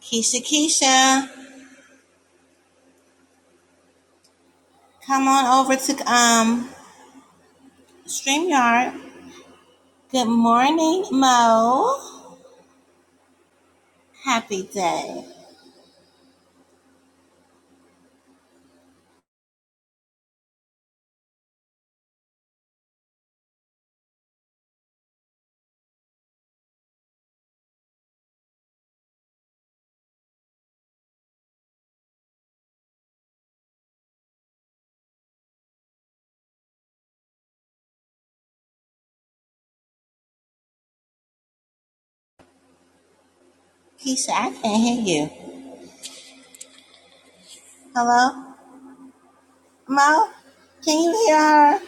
Keisha, Keisha, come on over to um Streamyard. Good morning, Mo. Happy day, Keisha. I can't hear you. Hello, Mo. Can you hear her?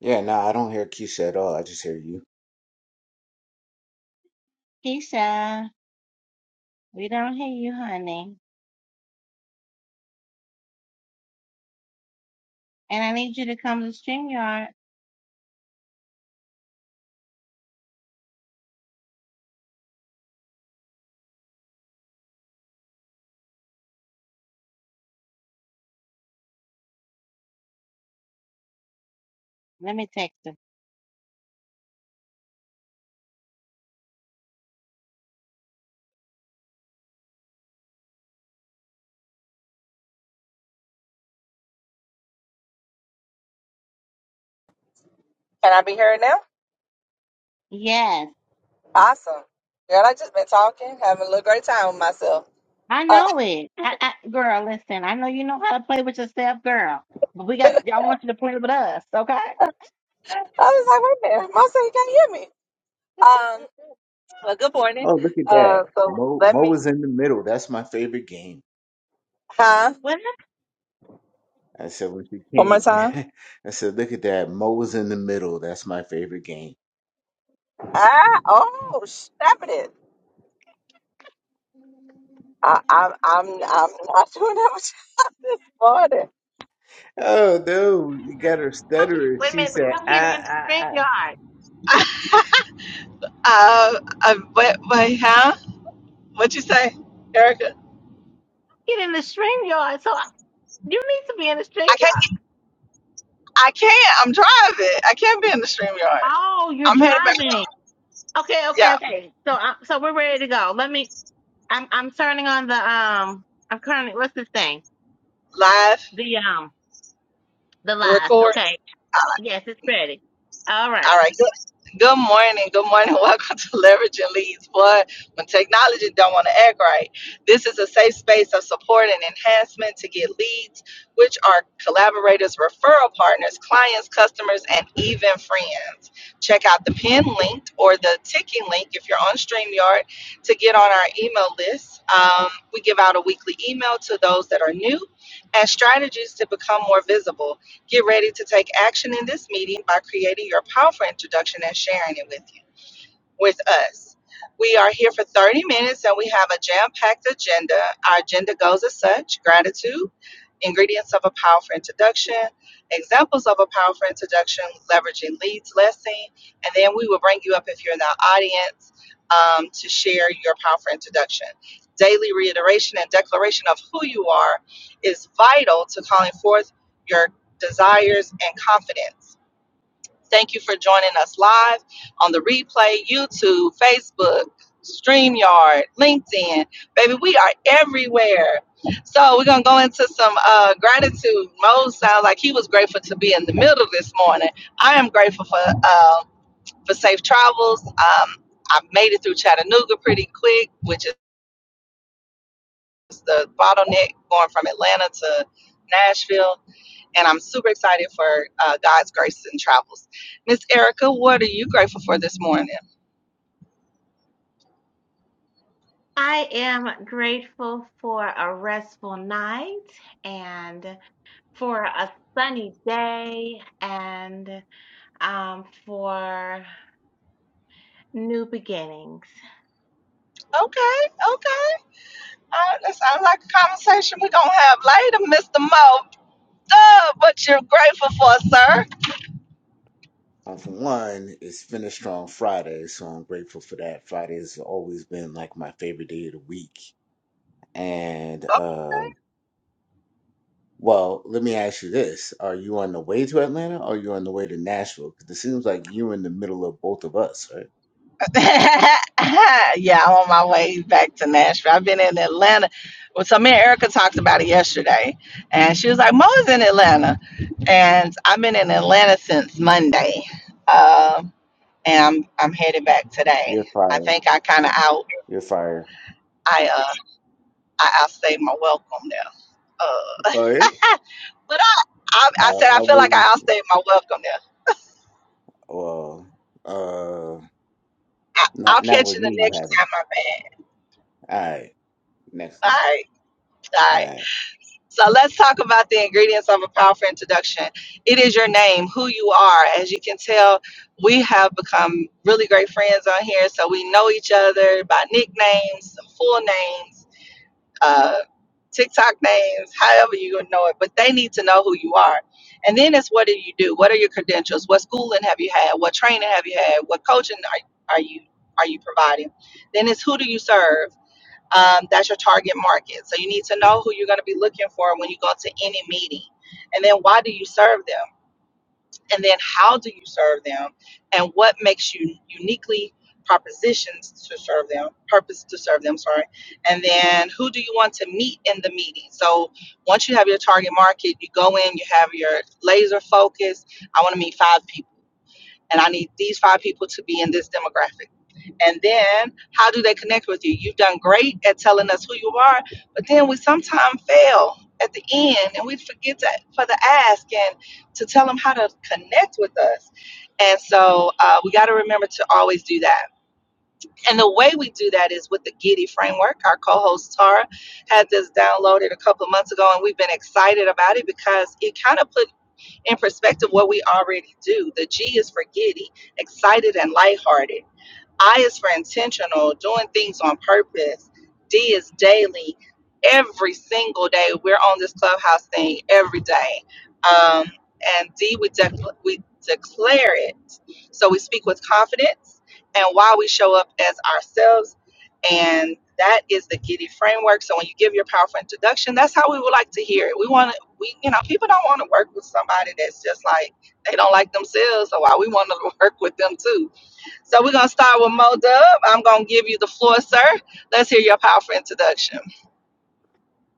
Yeah, no, nah, I don't hear Keisha at all. I just hear you. Keisha, we don't hear you, honey. And I need you to come to Streamyard. Let me text her. Can I be heard now? Yes, Awesome. Girl, I just been talking, having a little great time with myself. I Uh, know it. I, I, girl, listen. I know you know how to play with yourself, girl. But we got. I want you to play with us, okay? I was like, wait a minute, Mom said you can't hear me. Um, well, good morning. Oh, look at that. Uh, so Mo let Mo me, was in the middle. That's my favorite game. huh? Wait a minute. I said when she One came, more time. I said, look at that. Mo was in the middle. That's my favorite game. Ah, oh, stop it. I, I'm, I'm, I'm not doing that much this morning. Oh no, you got her I'm- stuttering. Wait a She minute. said, I'm getting ah in ah the ah. Streamyard. get in the stream yard. So I- you need to be in the stream I can't, yard. I can't, I'm driving. I can't be in the stream yard. Oh, you're I'm headed back, driving. Okay, okay, yeah, okay. So I, so we're ready to go. Let me. I'm I'm turning on the um. I'm currently what's this thing? live, The um the the live. record. Okay. Yes, it's ready. All All right. right. Good, good morning. Good morning. Welcome to Leveraging Leads. Boy, when technology don't want to act right, this is a safe space of support and enhancement to get leads, which are collaborators, referral partners, clients, customers, and even friends. Check out the pin link or the ticking link if you're on StreamYard to get on our email list. Um, we give out a weekly email to those that are new and strategies to become more visible. Get ready to take action in this meeting by creating your powerful introduction and sharing it with you with us. We are here for 30 minutes and we have a jam packed agenda. Our agenda goes as such gratitude, ingredients of a powerful introduction, examples of a powerful introduction, leveraging leads, lesson, and then we will bring you up if you're in the audience um, to share your powerful introduction. Daily reiteration and declaration of who you are is vital to calling forth your desires and confidence. Thank you for joining us live on the replay, YouTube, Facebook, StreamYard, LinkedIn. Baby, we are everywhere. So we're gonna go into some uh, gratitude. Mo sounds like he was grateful to be in the middle this morning. I am grateful for uh, for safe travels. Um, I made it through Chattanooga pretty quick, which is the bottleneck going from Atlanta to Nashville and I'm super excited for uh, God's grace and travels. Miss Erica, what are you grateful for this morning? I am grateful for a restful night and for a sunny day and um for new beginnings. Okay, okay. Uh, that sounds like a conversation we're going to have later, Mr. Mo. Duh, what you're grateful for, sir? Well, for one, it's Finish Strong Friday, so I'm grateful for that. Friday has always been like my favorite day of the week. And uh Well, let me ask you this. Are you on the way to Atlanta or are you on the way to Nashville? Because it seems like you're in the middle of both of us, right? yeah, I'm on my way back to Nashville. I've been in Atlanta. Well, so me and Erica talked about it yesterday, and she was like, "Mo is in Atlanta," and I've been in Atlanta since Monday. Um, and I'm I'm headed back today. You're I fired. think I kind of out You're fired. I uh I outstayed my welcome there. Uh, Oh, yeah? but I, I I said I, I I feel like wouldn't. I outstayed my welcome there. Well, uh, I, I'll not, not catch with you me, the you next haven't. time I'm back. All right. Next All time. right, all All right. right. So let's talk about the ingredients of a powerful introduction. It is your name, who you are. As you can tell, we have become really great friends on here, so we know each other by nicknames, some full names uh, TikTok names, however you gonna know it, but they need to know who you are. And then it's what do you do? What are your credentials? What schooling have you had? What training have you had? What coaching are, are you are you providing? Then it's who do you serve? Um, that's your target market. So you need to know who you're going to be looking for when you go to any meeting. And then why do you serve them? and then how do you serve them and what makes you uniquely propositions to serve them purpose to serve them sorry and then who do you want to meet in the meeting so once you have your target market you go in you have your laser focus i want to meet five people and i need these five people to be in this demographic and then how do they connect with you? You've done great at telling us who you are, but then we sometimes fail at the end and we forget to, for the ask and to tell them how to connect with us. And so uh, we got to remember to always do that. And the way we do that is with the Giddy framework. Our co host Tara had this downloaded a couple of months ago, and we've been excited about it because it kind of put in perspective what we already do. The G is for giddy, excited and lighthearted I is for intentional, doing things on purpose. D is daily. Every single day, we're on this clubhouse thing every day. Um, and D, we, dec we declare it. So we speak with confidence and why we show up as ourselves. And that is the Giddy framework. So when you give your powerful introduction, that's how we would like to hear it. We want to, we, you know, people don't want to work with somebody that's just like, they don't like themselves. So why we want to work with them too so we're gonna start with Mo Dub. I'm gonna give you the floor, sir. Let's hear your powerful introduction.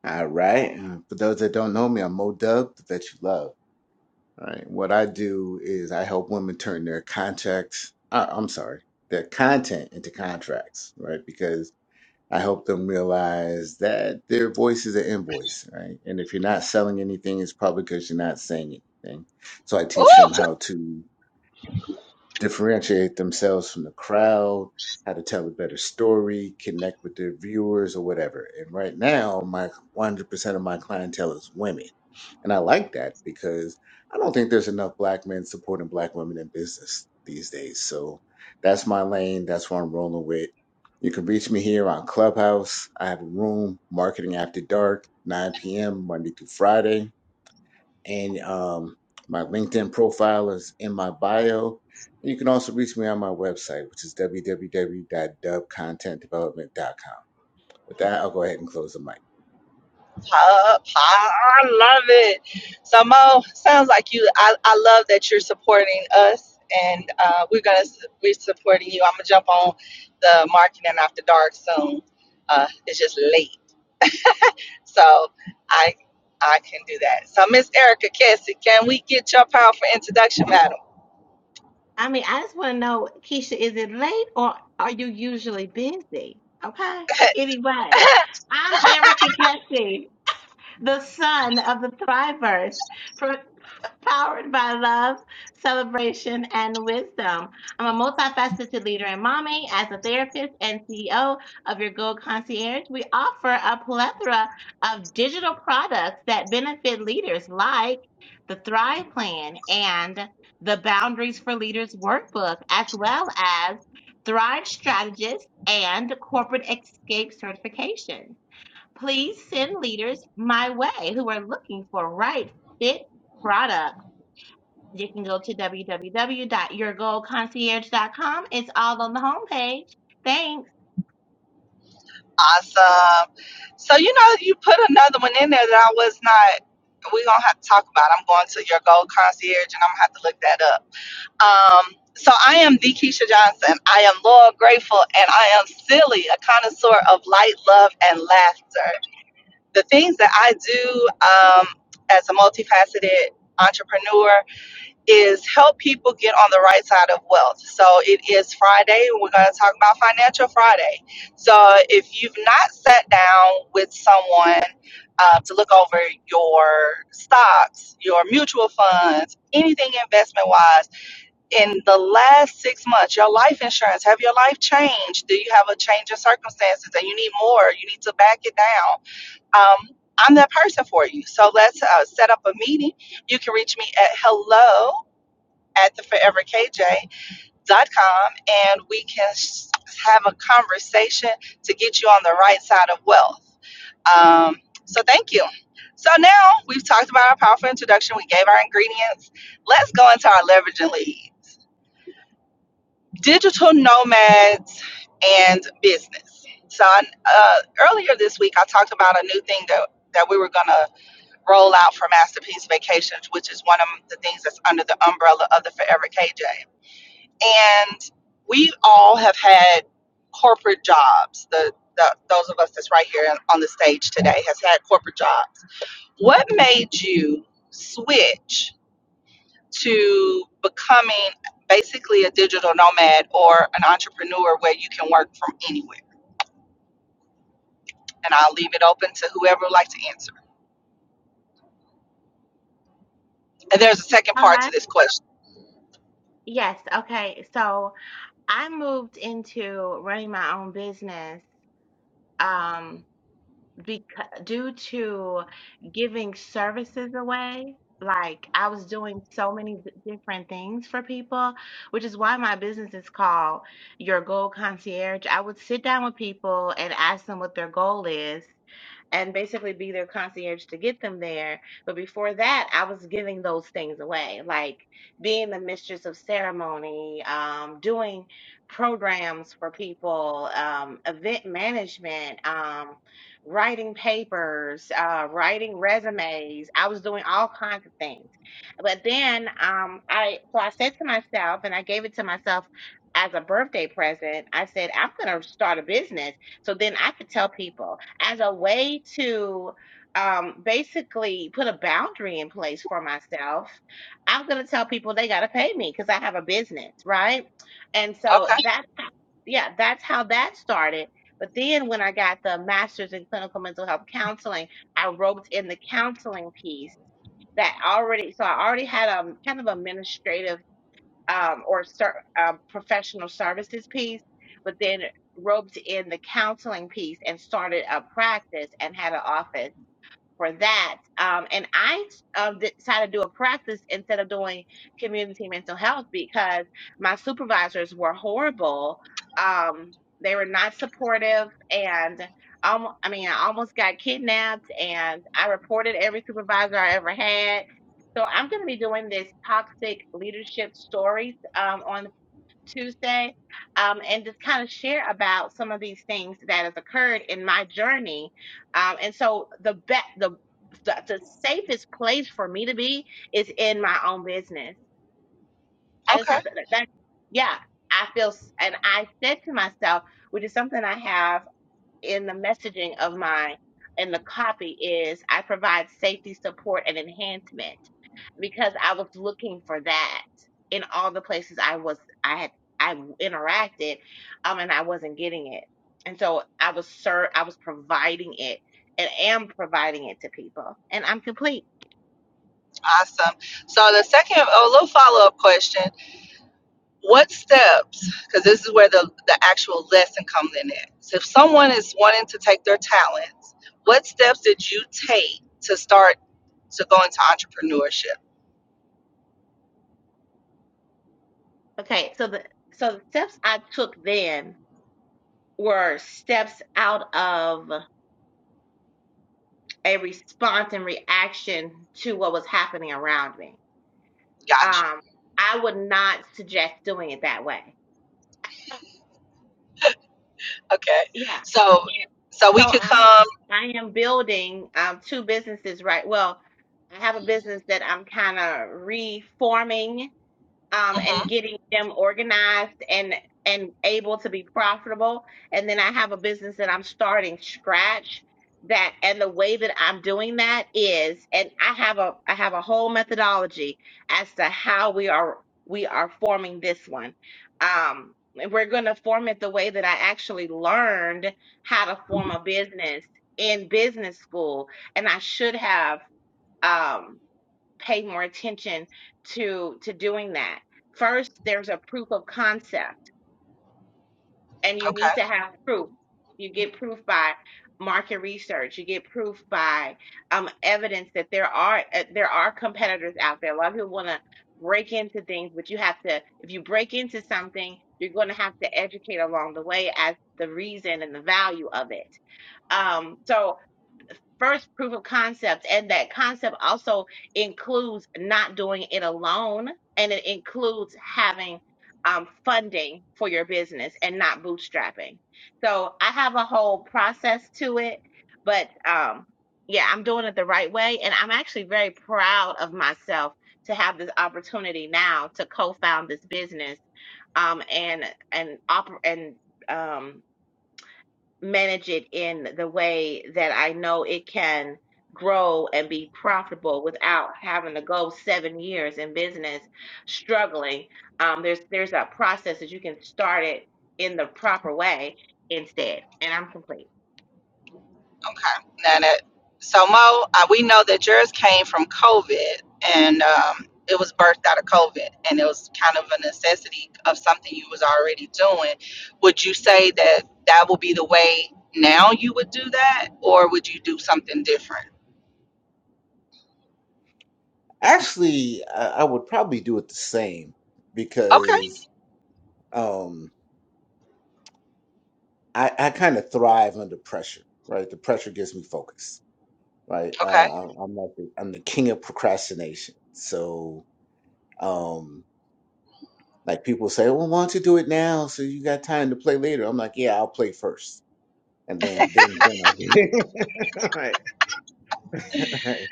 All right. And For those that don't know me, I'm Mo Dub, the vet you love. All right. What I do is I help women turn their contracts, uh, I'm sorry, their content into contracts, right? Because I help them realize that their voice is an invoice, right? And if you're not selling anything, it's probably because you're not saying anything. So I teach Ooh, them how to differentiate themselves from the crowd, how to tell a better story, connect with their viewers or whatever. And right now, my 100% of my clientele is women. And I like that because I don't think there's enough black men supporting black women in business these days. So that's my lane. That's what I'm rolling with. You can reach me here on Clubhouse. I have a room, Marketing After Dark, 9 p.m., Monday through Friday and um, my LinkedIn profile is in my bio. And you can also reach me on my website, which is www.dubcontentdevelopment.com. With that, I'll go ahead and close the mic. pop, pop, I love it. So Mo, sounds like you. I, I love that you're supporting us, and uh, we're gonna we're supporting you. I'm gonna jump on the marketing after dark soon. Uh, it's just late, so I I can do that. So Miss Erica Cassie, can we get your powerful introduction, madam? I mean, I just want to know, Keisha, is it late or are you usually busy? Okay. Anyway, I'm Erica Kessie, the son of the Thrivers powered by love, celebration, and wisdom. I'm a multifaceted leader and mommy, as a therapist and CEO of your Gold Concierge. We offer a plethora of digital products that benefit leaders, like the Thrive Plan and the Boundaries for Leaders workbook, as well as Thrive Strategist and Corporate Escape Certification. Please send leaders my way who are looking for right fit product you can go to w w w dot your goal concierge dot com. It's all on the homepage. Thanks. Awesome. So you know, you put another one in there that I was not. We're gonna have to talk about. I'm going to your gold concierge, and I'm gonna have to look that up. Um, so I am the Keisha Johnson. I am loyal, grateful, and I am silly, a connoisseur of light, love, and laughter. The things that I do um, as a multifaceted entrepreneur is help people get on the right side of wealth. So it is Friday, and we're going to talk about Financial Friday. So if you've not sat down with someone uh, to look over your stocks, your mutual funds, anything investment wise, in the last six months, your life insurance, have your life changed? Do you have a change in circumstances and you need more? You need to back it down. Um, I'm that person for you. So let's uh, set up a meeting. You can reach me at hello at the foreverkj.com and we can have a conversation to get you on the right side of wealth. Um, so thank you. So now we've talked about our powerful introduction. We gave our ingredients. Let's go into our leverage and lead. Digital nomads and business. So uh, earlier this week, I talked about a new thing that, that we were going to roll out for Masterpiece Vacations, which is one of the things that's under the umbrella of the Forever KJ. and we all have had corporate jobs. The, the those of us that's right here on the stage today has had corporate jobs. What made you switch to becoming basically a digital nomad or an entrepreneur where you can work from anywhere? And I'll leave it open to whoever would like to answer. And there's a second All part to right. this question. Yes. Okay. So I moved into running my own business um, because, due to giving services away. Like I was doing so many d- different things for people, which is why my business is called Your Goal Concierge. I would sit down with people and ask them what their goal is and basically be their concierge to get them there. But before that, I was giving those things away, like being the mistress of ceremony, um, doing programs for people, um, event management, um, writing papers, uh, writing resumes. I was doing all kinds of things. But then um, I, so I said to myself, and I gave it to myself as a birthday present. I said, I'm going to start a business so then I could tell people as a way to um, basically put a boundary in place for myself, I'm going to tell people they got to pay me because I have a business, right? And so Okay. that, yeah, that's how that started. But then when I got the master's in clinical mental health counseling, I roped in the counseling piece that already, so I already had a kind of administrative um, or ser- um, professional services piece, but then roped in the counseling piece and started a practice and had an office for that. Um, and I um, decided to do a practice instead of doing community mental health because my supervisors were horrible. Um, they were not supportive, and um, I mean, I almost got kidnapped, and I reported every supervisor I ever had. So I'm going to be doing this toxic leadership stories um, on Tuesday, um, and just kind of share about some of these things that has occurred in my journey. Um, and so the be- the the the safest place for me to be is in my own business. I just Okay. have to. That, yeah, I feel, s- and I said to myself, which is something I have in the messaging of my in the copy is I provide safety, support, and enhancement because I was looking for that in all the places I was I had I interacted um and I wasn't getting it. And so I was ser- I was providing it and am providing it to people. And I'm complete. Awesome. So the second, a little follow up question What steps, because this is where the, the actual lesson comes in at. So if someone is wanting to take their talents, what steps did you take to start to go into entrepreneurship? Okay, so the so the steps I took then were steps out of a response and reaction to what was happening around me Gotcha. Um, I would not suggest doing it that way. Okay. Yeah. So Uh, so So we could I come. I am building um two businesses right. Well, I have a business that I'm kind of reforming um, and mhm, getting them organized and and able to be profitable. And then I have a business that I'm starting scratch. That and the way that I'm doing that is, and I have a I have a whole methodology as to how we are we are forming this one. Um, we're going to form it the way that I actually learned how to form a business in business school, and I should have. Um, pay more attention to to doing that. First, there's a proof of concept, and you Okay. need to have proof. You get proof by market research. You get proof by um, evidence that there are uh, there are competitors out there. A lot of people want to break into things, but you have to. If you break into something, you're going to have to educate along the way as the reason and the value of it. Um, so first proof of concept. And that concept also includes not doing it alone, and it includes having um, funding for your business and not bootstrapping. So I have a whole process to it, but um, yeah, I'm doing it the right way. And I'm actually very proud of myself to have this opportunity now to co found this business um, and, and, oper- and, um, manage it in the way that I know it can grow and be profitable without having to go seven years in business struggling. Um, there's there's a process that you can start it in the proper way instead. And I'm complete. Okay. Now that so Mo, uh, we know that yours came from COVID, and um, it was birthed out of COVID, and it was kind of a necessity of something you was already doing. Would you say that that will be the way now you would do that, or would you do something different? Actually, I, I would probably do it the same Okay. because um, I, I kind of thrive under pressure, right? The pressure gives me focus, right? Okay. Uh, I'm I'm like the, I'm the king of procrastination. So, um, like people say, well, why don't you do it now so you got time to play later? I'm like, yeah, I'll play first and then then then I'll get right, right.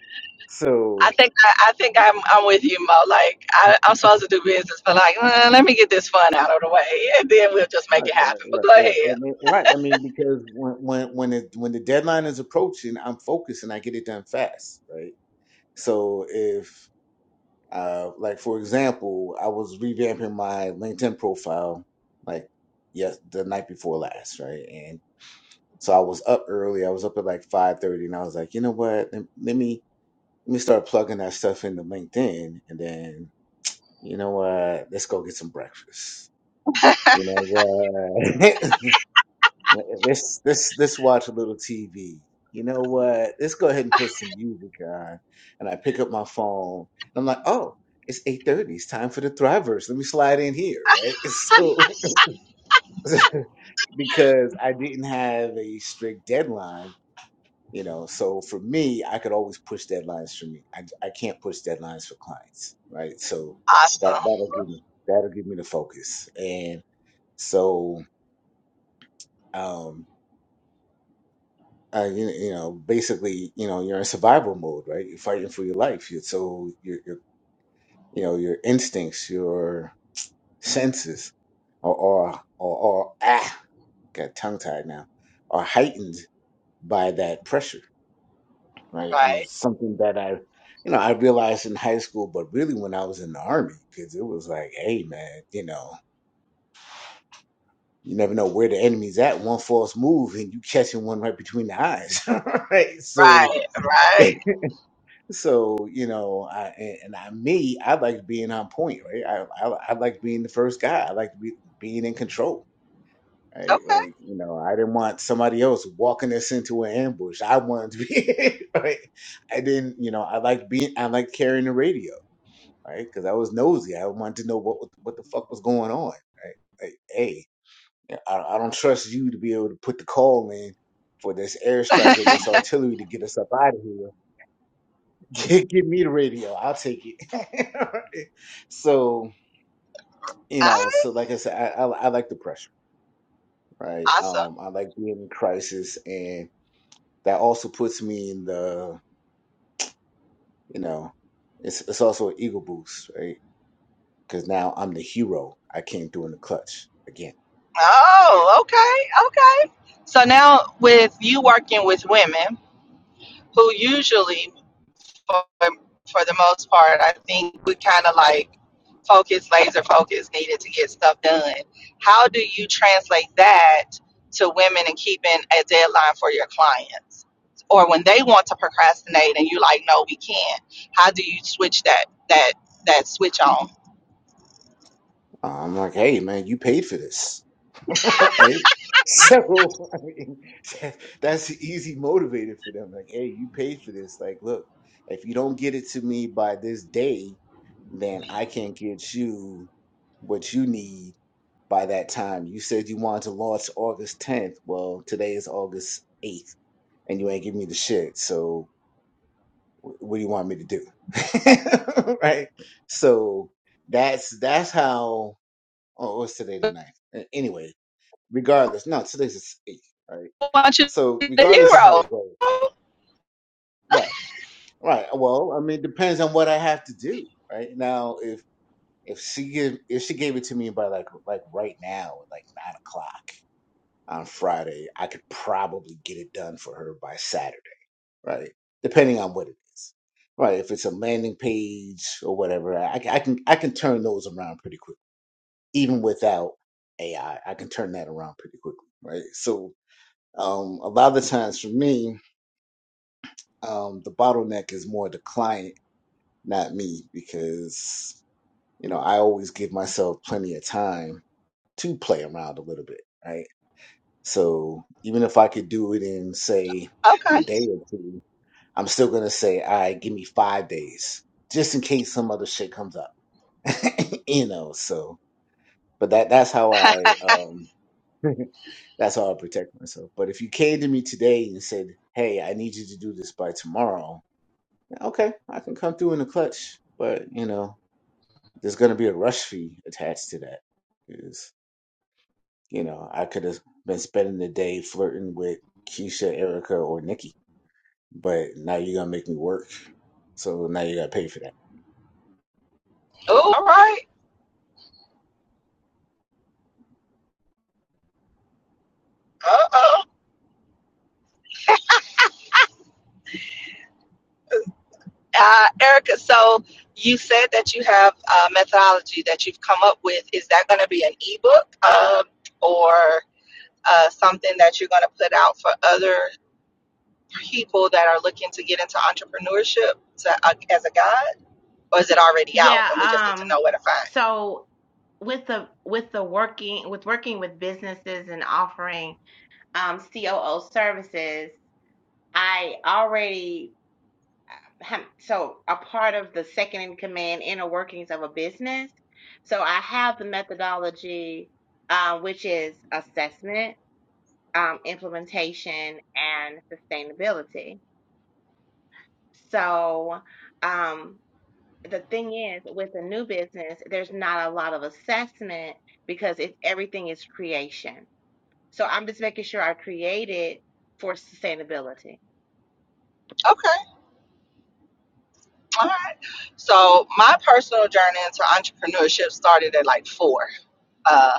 I So think I, I think I'm I'm with you, Mo. Like I, I'm supposed to do business, but like "Uh, let me get this fun out of the way, and then we'll just make right, it right, happen. But right, go ahead. right, and, then- right. I mean, because when when when it, when the deadline is approaching, I'm focused and I get it done fast, right? So if uh, like for example, I was revamping my LinkedIn profile like yes the night before last, right? And so I was up early. I was up at like five thirty, and I was like, you know what? Let, let me let me start plugging that stuff into LinkedIn, and then You know what? Let's go get some breakfast. You know what? let's let's let's watch a little TV. You know what? Let's go ahead and put some music on. And I pick up my phone. And I'm like, oh, it's 8:30. It's time for the Thrivers. Let me slide in here, right? So because I didn't have a strict deadline you know so for me i could always push deadlines for me i, I can't push deadlines for clients right so that Awesome. that'll give me that'll give me the focus and so um uh, you, you know basically you know you're in survival mode right you're fighting for your life you so your your you know your instincts your senses are are are, are ah got tongue tied now are heightened by that pressure right? And Right. it's something that I, you know, I realized in high school, but really when I was in the army, because it was like, hey, man, you know, you never know where the enemy's at. One false move, and you catching one right between the eyes, right? So, Right. Right. so you know, I and, and I me, I like being on point, right? I, I I like being the first guy. I like to be, being in control. Right, Okay. like you know, I didn't want somebody else walking us into an ambush. I wanted to be. Right? I didn't, you know, I like being, I like carrying the radio right? Because I was nosy. I wanted to know what what the fuck was going on, right? Like, hey, I, I don't trust you to be able to put the call in for this airstrike or this artillery to get us up out of here. Get, get me the radio. I'll take it. so you know, Alright, so like I said, I, I I like the pressure, right? Awesome. Um, I like being in crisis, and that also puts me in the you know, it's it's also an ego boost, right? Because now I'm the hero. I came through in the clutch again Oh, okay, okay. So now with you working with women who usually for, for the most part I think we kind of like focus laser focus needed to get stuff done. How do you translate that to women and keeping a deadline for your clients? Or when they want to procrastinate and you like no we can't. How do you switch that that that switch on? I'm like, hey, man, you paid for this. right? So, I mean, that, that's an easy motivator for them. Like, hey, you paid for this. Like, look, if you don't get it to me by this day, then I can't get you what you need by that time. You said you wanted to launch August 10th. Well, today is August 8th, and you ain't give me the shit. So, wh- what do you want me to do? right? So, that's that's how. Oh, what's today the ninth? A- Anyway, regardless, no, today's the eighth, right? I want you So to regardless of how it goes, hero. right, right. Well, I mean, it depends on what I have to do, right? Now, if if she give if she gave it to me by like like right now, at like nine o'clock on Friday, I could probably get it done for her by Saturday, right? Depending on what it is, right? If it's a landing page or whatever, I, I can I can turn those around pretty quick, even without AI. I I can turn that around pretty quickly, right? So Um, a lot of times for me, um, the bottleneck is more the client, not me, because you know I always give myself plenty of time to play around a little bit, right? So even if I could do it in say Okay. a day or two, I'm still gonna say, all right, give me five days, just in case some other shit comes up, you know. So, but that that's how I um that's how I protect myself. But if you came to me today and said, "Hey, I need you to do this by tomorrow," Okay, I can come through in the clutch, but you know, there's gonna be a rush fee attached to that. Is you know, I could have been spending the day flirting with Keisha, Erica, or Nikki, but now you're gonna make me work, so now you gotta pay for that. Oh, all right. Uh-oh. Uh, Erica, so you said that you have a methodology that you've come up with. Is that going to be an ebook um, or uh, something that you're going to put out for other people that are looking to get into entrepreneurship to, uh, as a guide? Or is it already out and we just Yeah. need to Um. know where to find? So with the with the working with working with businesses and offering um COO services, I already so a part of the second in command inner workings of a business. So I have the methodology, uh, which is assessment, um, implementation, and sustainability. So um, the thing is, with a new business, there's not a lot of assessment because it, everything is creation. So I'm just making sure I create it for sustainability. Okay. All right. So my personal journey into entrepreneurship started at like four. Um,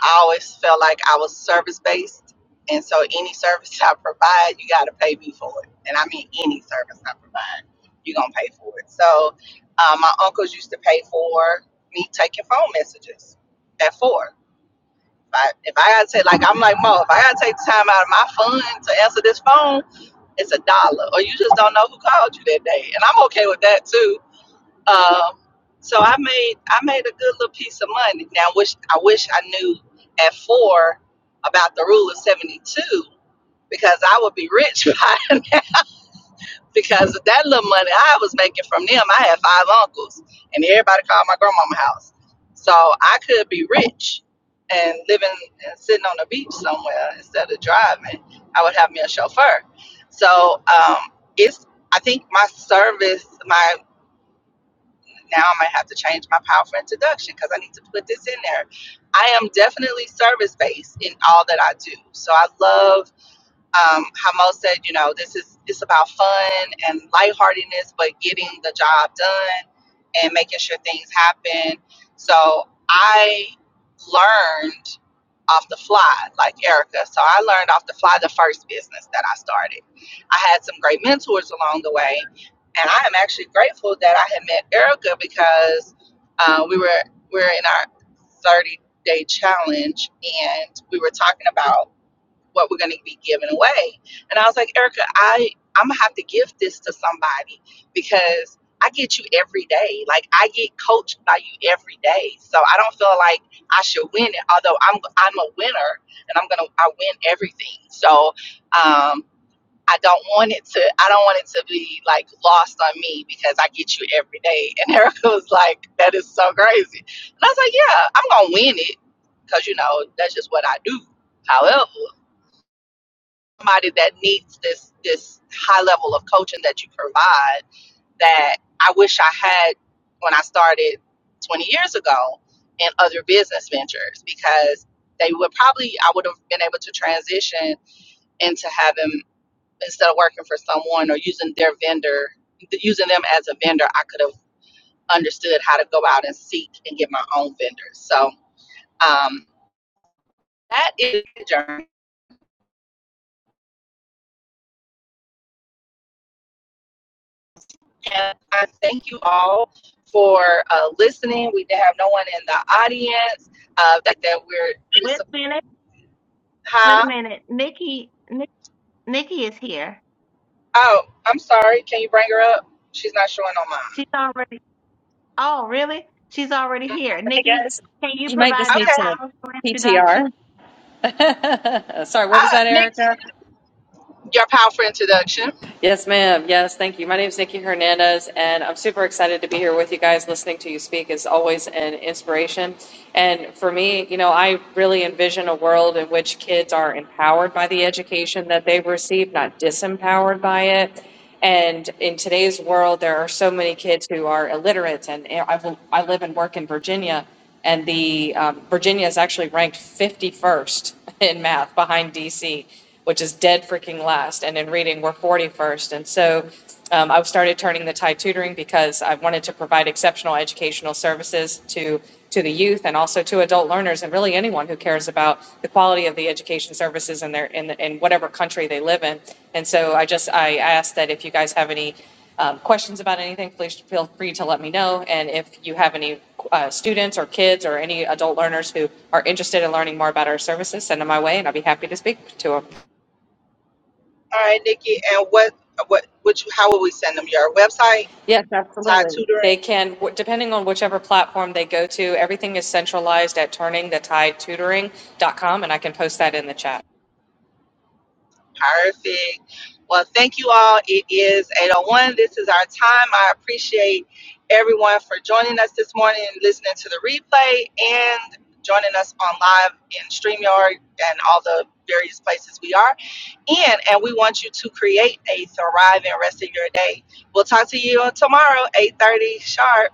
I always felt like I was service based. And so any service I provide, you got to pay me for it. And I mean, any service I provide, you're going to pay for it. So uh, my uncles used to pay for me taking phone messages at four. If I, if I got to take, like, I'm like, Mo, if I got to take time out of my fund to answer this phone, it's a dollar. Or you just don't know who called you that day. And I'm okay with that too um, so I made I made a good little piece of money. Now, wish I wish I knew at four about the rule of seventy two because I would be rich by now. Because of that little money I was making from them, I had five uncles, and everybody called my grandmama house. So I could be rich and living and sitting on the beach somewhere instead of driving. I would have me a chauffeur. So um, it's I think my service, my now I might have to change my powerful introduction because I need to put this in there. I am definitely service based in all that I do. So I love um, how said, you know, this is it's about fun and lightheartedness, but getting the job done and making sure things happen. So I learned off the fly, like Erica. So I learned off the fly the first business that I started. I had some great mentors along the way, and I am actually grateful that I had met Erica because uh, we were we are in our thirty day challenge and we were talking about what we're going to be giving away. And I was like, Erica, I I'm gonna have to give this to somebody because I get you every day. Like I get coached by you every day. So I don't feel like I should win it. Although I'm I'm a winner and I'm gonna I win everything. So um, I don't want it to I don't want it to be like lost on me because I get you every day. And Erica was like, that is so crazy. And I was like, yeah, I'm gonna win it because you know that's just what I do. However somebody that needs this this high level of coaching that you provide that I wish I had when I started 20 years ago in other business ventures because they would probably I would have been able to transition into having instead of working for someone or using their vendor using them as a vendor I could have understood how to go out and seek and get my own vendors so um, that is the journey And I thank you all for uh, listening. We have no one in the audience. Uh, that, that Wait we're, a minute. Wait huh? a minute. Nikki, Nikki, Nikki is here. Oh, I'm sorry. Can you bring her up? She's not showing on mine. She's already. Oh, really? She's already here. Hey Nikki, guys, can you you might just provide Mm, your need Okay. to powerful introduction? PTR. Sorry, what was Uh, that, Nikki, Erica? your powerful introduction. Yes, ma'am. Yes, thank you. My name is Nikki Hernandez, and I'm super excited to be here with you guys. Listening to you speak is always an inspiration. And for me, you know, I really envision a world in which kids are empowered by the education that they've received, not disempowered by it. And in today's world, there are so many kids who are illiterate, and I, I live and work in Virginia. And the, um, Virginia is actually ranked 51st in math behind DC, which is dead freaking last. And in reading, we're 41st. And so um, I started turning the Thai tutoring because I wanted to provide exceptional educational services to, to the youth and also to adult learners and really anyone who cares about the quality of the education services in their, in, the, in whatever country they live in. And so I just, I asked that if you guys have any um, questions about anything, please feel free to let me know. And if you have any uh, students or kids or any adult learners who are interested in learning more about our services, send them my way and I'll be happy to speak to them. All right, Nikki. And what, what, would you, how will we send them? Your website, Yes, Tide Tutoring? they can, w- depending on whichever platform they go to, everything is centralized at turningthetidetutoring.com and I can post that in the chat. Perfect. Well, thank you all. It is 801. This is our time. I appreciate everyone for joining us this morning, listening to the replay, and joining us on live in StreamYard and all the various places we are in. And we want you to create a thriving rest of your day. We'll talk to you tomorrow, 8:30 sharp.